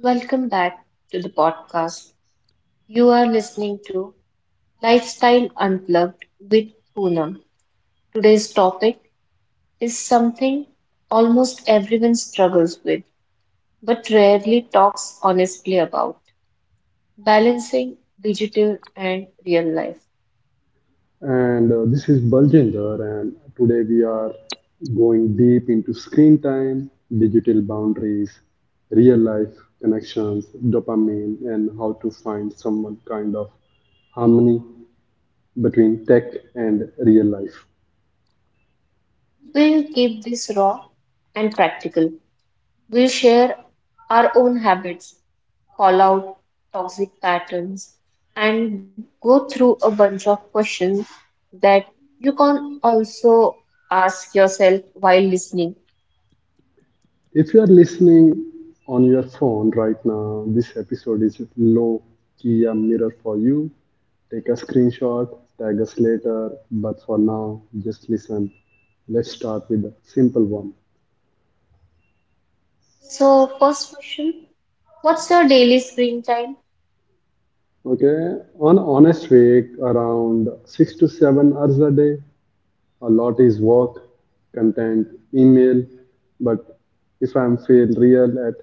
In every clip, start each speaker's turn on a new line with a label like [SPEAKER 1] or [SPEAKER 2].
[SPEAKER 1] Welcome back to the podcast. You are listening to Lifestyle Unplugged with Poonam. Today's topic is something almost everyone struggles with but rarely talks honestly about, balancing digital and real life.
[SPEAKER 2] And This is Baljinder, and today we are going deep into screen time, digital boundaries, real life connections, dopamine, and how to find some kind of harmony between tech and real life.
[SPEAKER 1] We'll keep this raw and practical. We share our own habits, call out toxic patterns, and go through a bunch of questions that you can also ask yourself while listening.
[SPEAKER 2] If you are listening on your phone right now, this episode is low key a mirror for you. Take a screenshot, tag us later, but for now, just listen. Let's start with a simple one.
[SPEAKER 1] So, first question, what's your daily screen time?
[SPEAKER 2] Okay, on honest week, around 6 to 7 hours a day, a lot is work, content, email. But if I'm feel real, at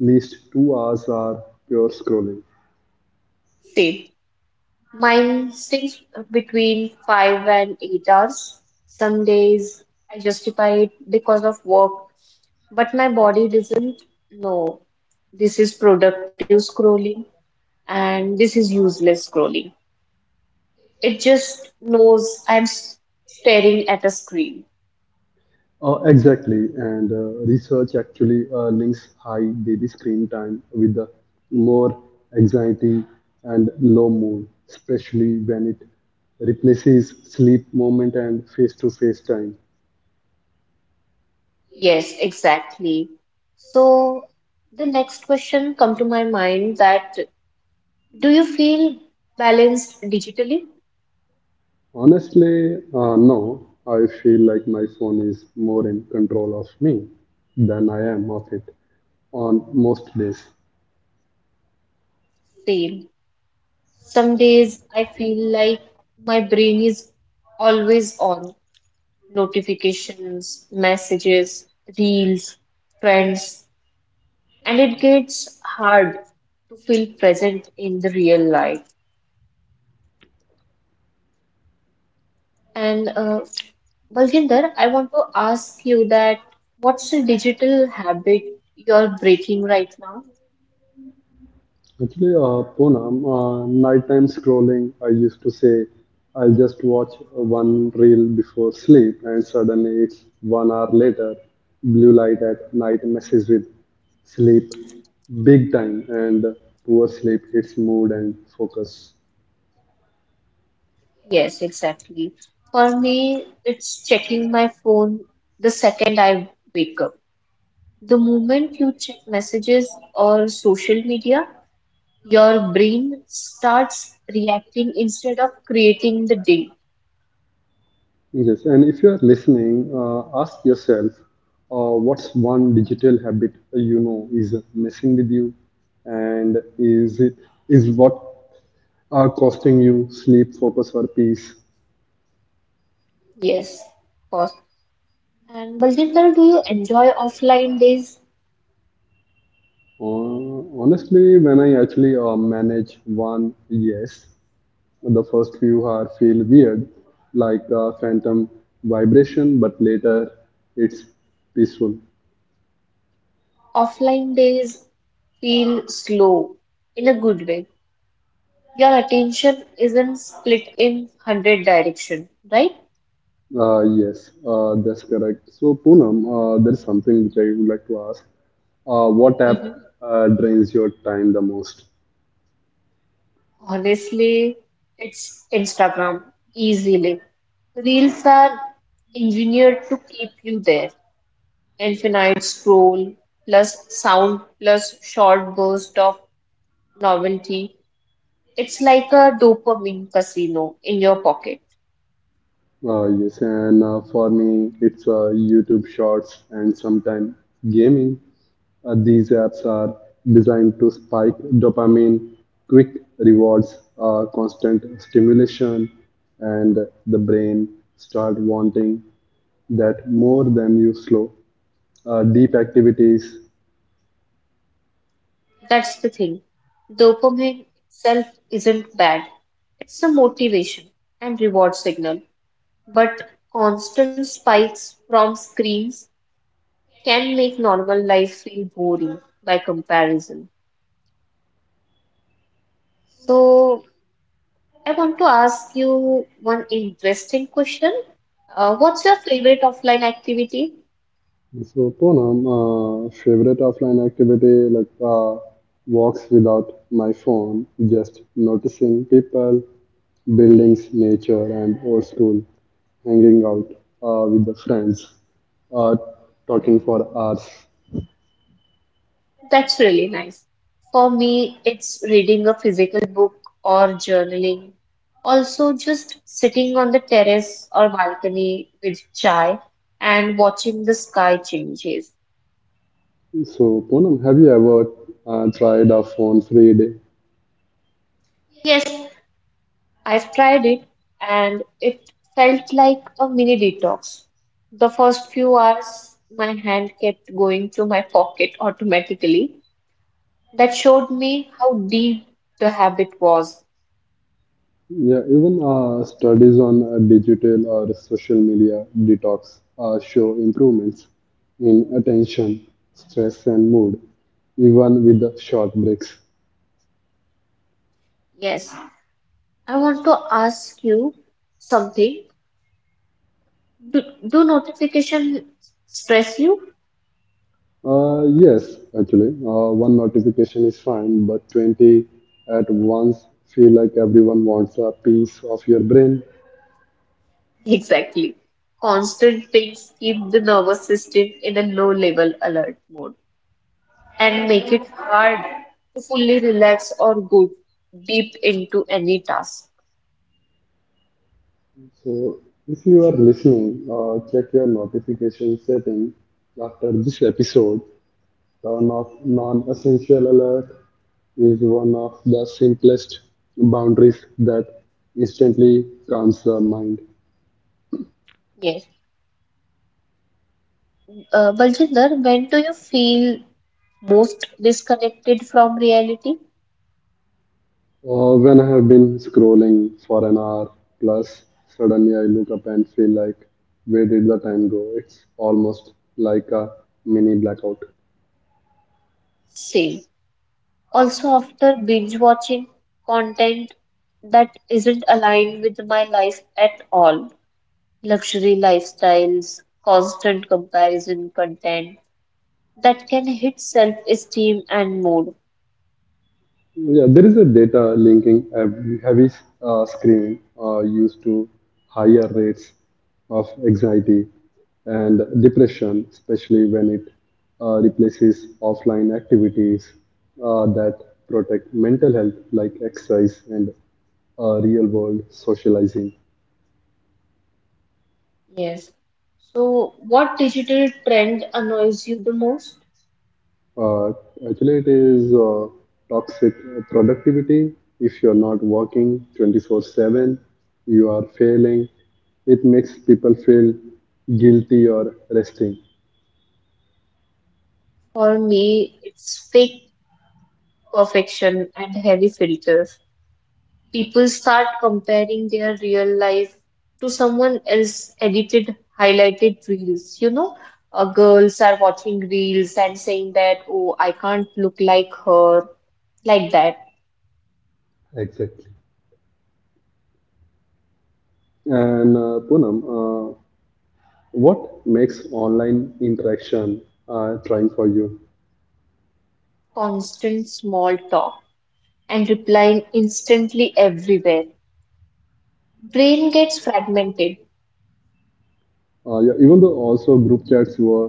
[SPEAKER 2] least 2 hours are pure scrolling.
[SPEAKER 1] Same. Mine stays between 5 and 8 hours. Some days I justify it because of work, but my body doesn't know this is productive scrolling and this is useless scrolling. It just knows I'm staring at a screen.
[SPEAKER 2] Oh, exactly, and research actually links high daily screen time with the more anxiety and low mood, especially when it replaces sleep moment and face-to-face time.
[SPEAKER 1] Yes, exactly. So the next question come to my mind that do you feel balanced digitally?
[SPEAKER 2] Honestly, no. I feel like my phone is more in control of me than I am of it on most days.
[SPEAKER 1] Same. Some days I feel like my brain is always on notifications, messages, reels, trends, and it gets hard to feel present in the real life. And Balginder, I want to ask you that what's the digital habit you're breaking right now?
[SPEAKER 2] Actually, Poonam, nighttime scrolling, I used to say I'll just watch one reel before sleep, and suddenly it's 1 hour later. Blue light at night messes with sleep big time, and poor sleep, its mood and focus.
[SPEAKER 1] Yes, exactly. For me, it's checking my phone the second I wake up. The moment you check messages or social media, your brain starts reacting instead of creating the day.
[SPEAKER 2] Yes, and if you are listening, ask yourself, what's one digital habit you know is messing with you, and is what are costing you sleep, focus, or peace?
[SPEAKER 1] Yes, of course. And Balginder, do you enjoy offline days?
[SPEAKER 2] Honestly, when I actually manage one, yes, the first few are feel weird, like phantom vibration, but later it's peaceful.
[SPEAKER 1] Offline days feel slow in a good way. Your attention isn't split in 100 direction, right?
[SPEAKER 2] Yes, that's correct. So, Poonam, there is something which I would like to ask. What
[SPEAKER 1] Mhm.
[SPEAKER 2] app drains your time the most?
[SPEAKER 1] Honestly, it's Instagram easily. Reels are engineered to keep you there. Infinite scroll plus sound plus short burst of novelty. It's like a dopamine casino in your pocket.
[SPEAKER 2] Yes, and for me, it's YouTube Shorts and sometimes gaming. These apps are designed to spike dopamine, quick rewards, constant stimulation, and the brain start wanting that more than you slow deep activities.
[SPEAKER 1] That's the thing. Dopamine itself isn't bad. It's a motivation and reward signal. But constant spikes from screens can make normal life feel boring by comparison. So, I want to ask you one interesting question. What's your favorite offline activity?
[SPEAKER 2] So, Poonam, favorite offline activity like walks without my phone, just noticing people, buildings, nature, and old school, hanging out with the friends, uh, talking for hours.
[SPEAKER 1] That's really nice. For me, it's reading a physical book or journaling. Also, just sitting on the terrace or balcony with chai and watching the sky changes.
[SPEAKER 2] So, Poonam, have you ever tried a phone-free day?
[SPEAKER 1] Yes, I've tried it and it felt like a mini detox. The first few hours, my hand kept going to my pocket automatically. That showed me how deep the habit was.
[SPEAKER 2] Yeah, even studies on digital or social media detox show improvements in attention, stress, and mood, even with the short breaks.
[SPEAKER 1] Yes. I want to ask you something. Do notification stress you?
[SPEAKER 2] Yes, actually, one notification is fine, but 20 at once feel like everyone wants a piece of your brain.
[SPEAKER 1] Exactly. Constant pings keep the nervous system in a low level alert mode and make it hard to fully relax or go deep into any task.
[SPEAKER 2] So, if you are listening, check your notification setting after this episode. Turn off non-essential alert is one of the simplest boundaries that instantly calms the mind.
[SPEAKER 1] Yes. Baljinder, when do you feel most disconnected from reality?
[SPEAKER 2] When I have been scrolling for an hour plus, suddenly I look up and feel like, where did the time go? It's almost like a mini blackout.
[SPEAKER 1] Same. Also, after binge watching content that isn't aligned with my life at all, luxury lifestyles, constant comparison content that can hit self-esteem and mood.
[SPEAKER 2] Yeah, there is a data linking heavy screening used to higher rates of anxiety and depression, especially when it replaces offline activities that protect mental health, like exercise and real world socializing.
[SPEAKER 1] Yes. So, what digital trend annoys you the most?
[SPEAKER 2] Uh, actually, it is toxic productivity. If you're not working 24/7, you are failing. It makes people feel guilty or resting.
[SPEAKER 1] For me, it's fake perfection and heavy filters. People start comparing their real life to someone else edited highlighted reels. Girls are watching reels and saying that, oh, I can't look like her, like that.
[SPEAKER 2] Exactly. And Poonam, what makes online interaction trying for you?
[SPEAKER 1] Constant small talk and replying instantly everywhere, brain gets fragmented.
[SPEAKER 2] Yeah, even though also group chats were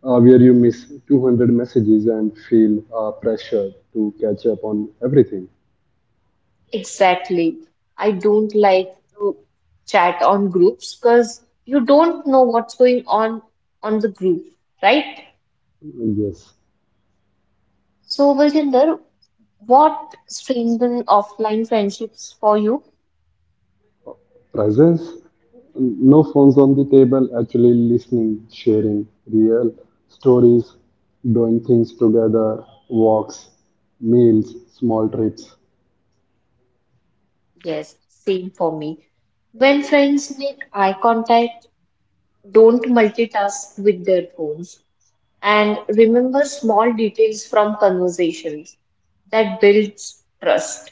[SPEAKER 2] where you miss 200 messages and feel pressure to catch up on everything.
[SPEAKER 1] Exactly. I don't like to chat on groups because you don't know what's going on the group, right?
[SPEAKER 2] Yes.
[SPEAKER 1] So, Virginder, what strengthen offline friendships for you?
[SPEAKER 2] Presence, no phones on the table, actually listening, sharing real stories, doing things together, walks, meals, small trips.
[SPEAKER 1] Yes, same for me. When friends make eye contact, don't multitask with their phones, and remember small details from conversations, that builds trust.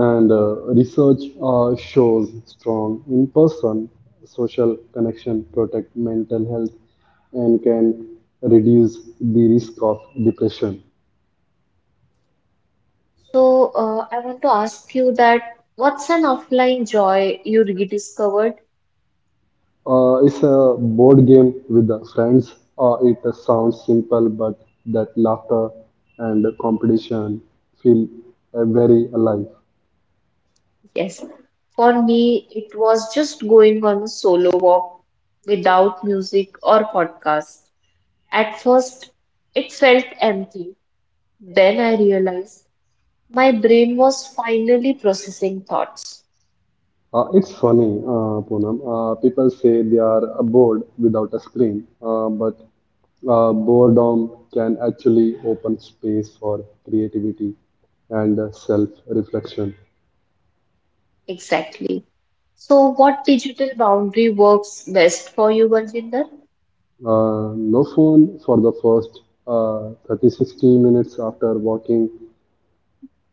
[SPEAKER 2] And research shows strong in person social connection protect mental health and can reduce the risk of depression.
[SPEAKER 1] So, I want to ask you that what's an offline joy you rediscovered?
[SPEAKER 2] It's a board game with the friends. It sounds simple, but that laughter and competition feel very alive.
[SPEAKER 1] Yes, for me, it was just going on a solo walk without music or podcast. At first, it felt empty. Then I realized my brain was finally processing thoughts.
[SPEAKER 2] It's funny, Poonam. People say they are bored without a screen, but boredom can actually open space for creativity and self-reflection.
[SPEAKER 1] Exactly. So, what digital boundary works best for you, Baljinder?
[SPEAKER 2] No phone for the first 30 60 minutes after walking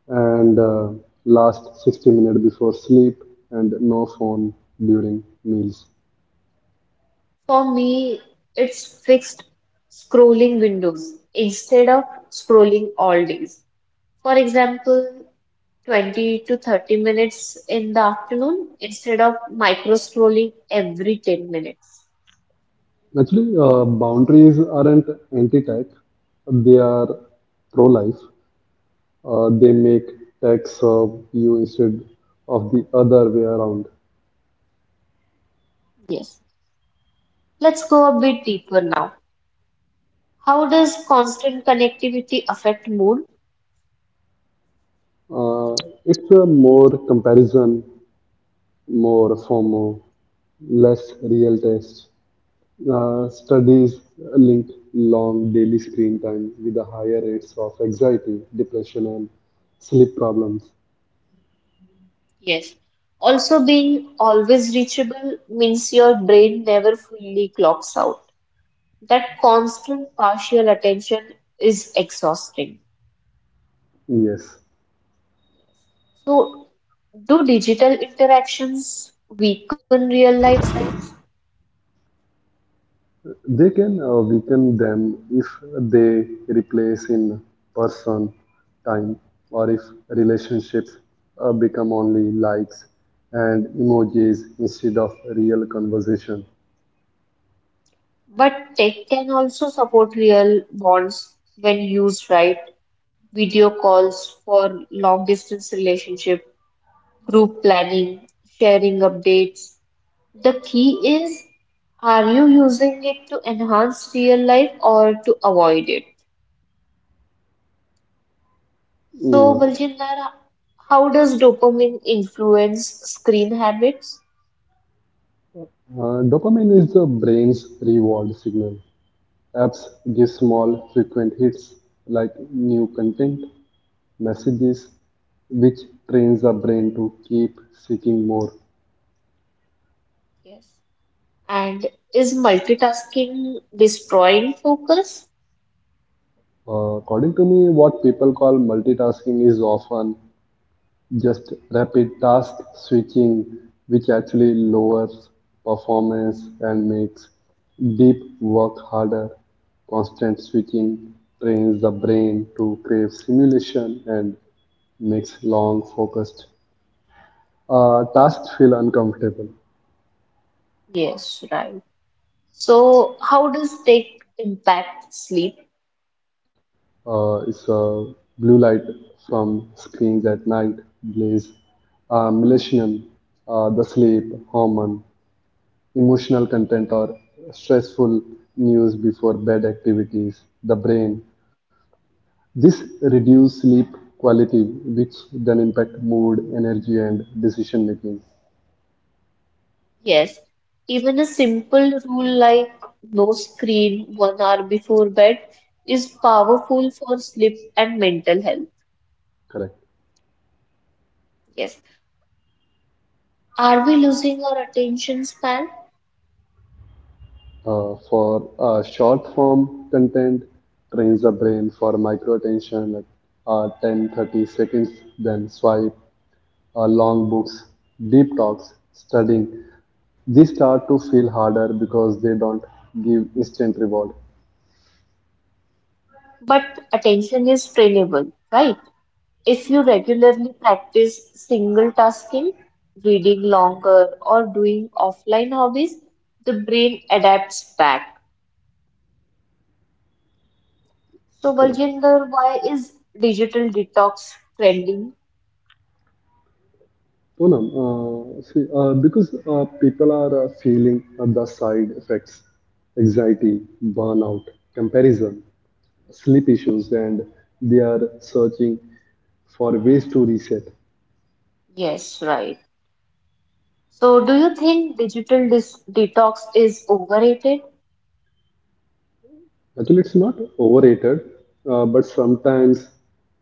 [SPEAKER 2] and last 60 minutes before sleep and no phone during meals.
[SPEAKER 1] For me, it's fixed scrolling windows instead of scrolling all days. For example, 20 to 30 minutes in the afternoon instead of micro scrolling every 10 minutes.
[SPEAKER 2] Actually, boundaries aren't anti tech, they are pro life. They make tech serve you instead of the other way around.
[SPEAKER 1] Yes. Let's go a bit deeper now. How does constant connectivity affect mood?
[SPEAKER 2] It's a more comparison, more FOMO, less real taste. Studies link long daily screen time with the higher rates of anxiety, depression, and sleep problems.
[SPEAKER 1] Yes. Also, being always reachable means your brain never fully clocks out. That constant partial attention is exhausting.
[SPEAKER 2] Yes,
[SPEAKER 1] So, do digital interactions weaken real life?
[SPEAKER 2] they can weaken them if they replace in person time or if relationships become only likes and emojis instead of real conversation.
[SPEAKER 1] But tech can also support real bonds when used right. Video calls for long distance relationship, group planning, sharing updates. The key is, are you using it to enhance real life or to avoid it? So,
[SPEAKER 2] Mm.
[SPEAKER 1] Baljinder, how does dopamine influence screen habits?
[SPEAKER 2] Dopamine is the brain's reward signal. Apps give small, frequent hits like new content, messages, which trains the brain to keep seeking more.
[SPEAKER 1] Yes. And is multitasking destroying focus?
[SPEAKER 2] According to me, what people call multitasking is often just rapid task switching, which actually lowers performance and makes deep work harder. Constant switching trains the brain to crave stimulation and makes long focused tasks feel uncomfortable.
[SPEAKER 1] Yes, right. So, how does tech impact sleep?
[SPEAKER 2] It's a blue light from screens at night, blaze, melatonin, the sleep hormone, emotional content, or stressful news before bed activities, the brain. This reduce sleep quality, which then impact mood, energy, and decision making.
[SPEAKER 1] Yes, even a simple rule like no screen 1 hour before bed is powerful for sleep and mental health.
[SPEAKER 2] Correct.
[SPEAKER 1] Yes. Are we losing our attention span?
[SPEAKER 2] For short form content, trains the brain for micro attention like 10 30 seconds, then swipe, long books, deep talks, studying. These start to feel harder because they don't give instant reward.
[SPEAKER 1] But attention is trainable, right? If you regularly practice single tasking, reading longer, or doing offline hobbies, the brain adapts back. So,
[SPEAKER 2] Correct.
[SPEAKER 1] Baljinder, why is digital detox trending?
[SPEAKER 2] Poonam, see, because people are feeling the side effects, anxiety, burnout, comparison, sleep issues, and they are searching for ways to reset.
[SPEAKER 1] Yes, right. So, do you think digital dis detox is overrated?
[SPEAKER 2] Actually, it's not overrated, but sometimes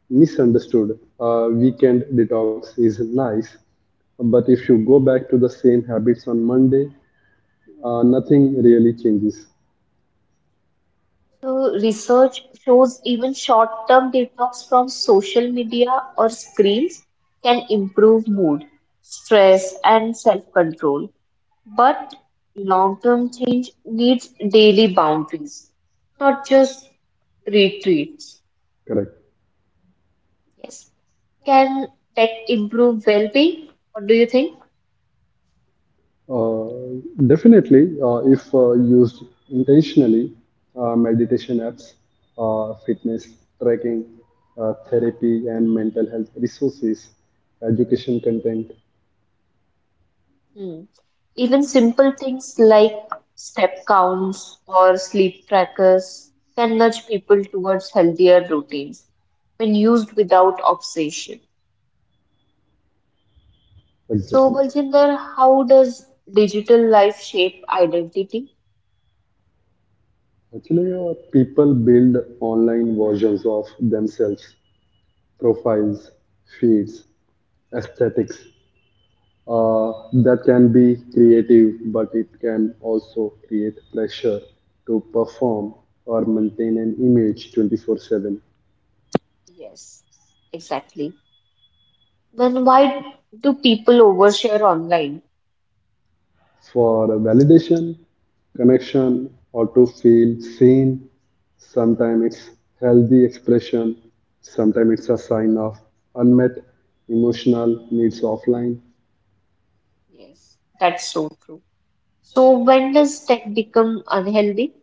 [SPEAKER 2] misunderstood. Weekend detox is nice, but if you go back to the same habits on Monday, nothing really changes.
[SPEAKER 1] So, research shows even short-term detox from social media or screens can improve mood, stress, and self-control. But long-term change needs daily boundaries, not just retreats.
[SPEAKER 2] Correct.
[SPEAKER 1] Yes. Can tech improve well-being? What do you think?
[SPEAKER 2] Uh, definitely, if used intentionally, meditation apps, fitness tracking, therapy, and mental health resources, education content,
[SPEAKER 1] Hmm. Even simple things like step counts or sleep trackers can nudge people towards healthier routines when used without obsession. So,
[SPEAKER 2] exactly.
[SPEAKER 1] Baljinder, how does digital life shape identity?
[SPEAKER 2] Actually, people build online versions of themselves, profiles, feeds, aesthetics, uh, that can be creative, but it can also create pressure to perform or maintain an image 24/7
[SPEAKER 1] Yes, exactly. Then why do people overshare online?
[SPEAKER 2] for validation, connection, or to feel seen. Sometimes it's healthy expression, sometimes it's a sign of unmet emotional needs offline.
[SPEAKER 1] Yes, that's so true. So, when does tech become unhealthy?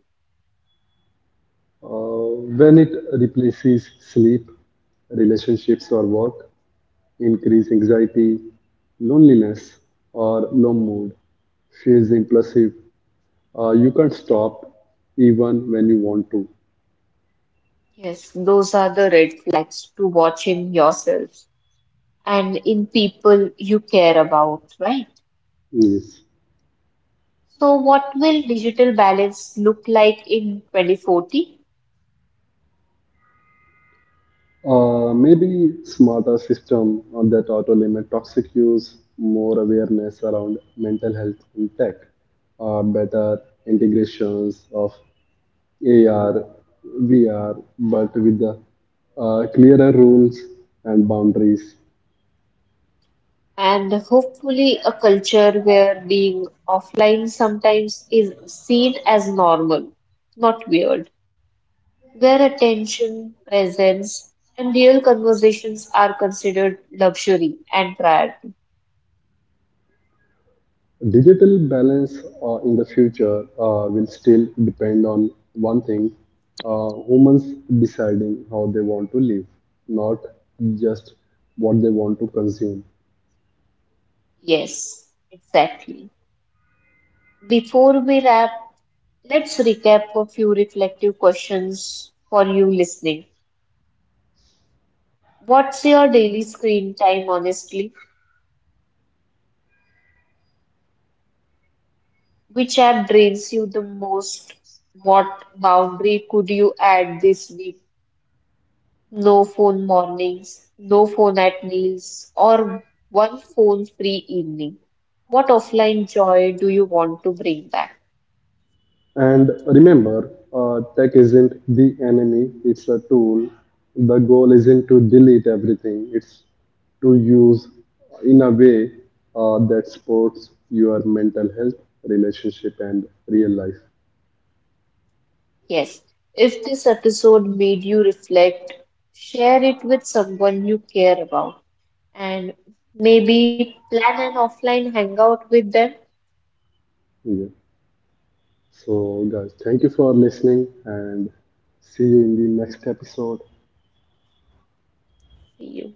[SPEAKER 2] When it replaces sleep, relationships, or work, increased anxiety, loneliness, or low mood. She is impulsive. You can't stop even when you want to.
[SPEAKER 1] Yes, those are the red flags to watch in yourself and in people you care about, right?
[SPEAKER 2] Yes.
[SPEAKER 1] So, what will digital balance look like in 2040?
[SPEAKER 2] Maybe smarter system on that auto limit toxic use, more awareness around mental health in tech, better integrations of AR, VR, but with the clearer rules and boundaries.
[SPEAKER 1] And hopefully, a culture where being offline sometimes is seen as normal, not weird, where attention, presence, and real conversations are considered luxury and priority.
[SPEAKER 2] Digital balance in the future will still depend on one thing, humans deciding how they want to live, not just what they want to consume.
[SPEAKER 1] Yes, exactly. Before we wrap, let's recap a few reflective questions for you listening. What's your daily screen time, honestly? Which app drains you the most? What boundary could you add this week? No phone mornings, no phone at meals, or one phone free evening. What offline joy do you want to bring back?
[SPEAKER 2] And remember, tech isn't the enemy, it's a tool. The goal isn't to delete everything, it's to use in a way that supports your mental health, relationship, and real life.
[SPEAKER 1] Yes, if this episode made you reflect, share it with someone you care about, and maybe plan an offline hangout with them.
[SPEAKER 2] Yeah. So, guys, thank you for listening and see you in the next episode.
[SPEAKER 1] You-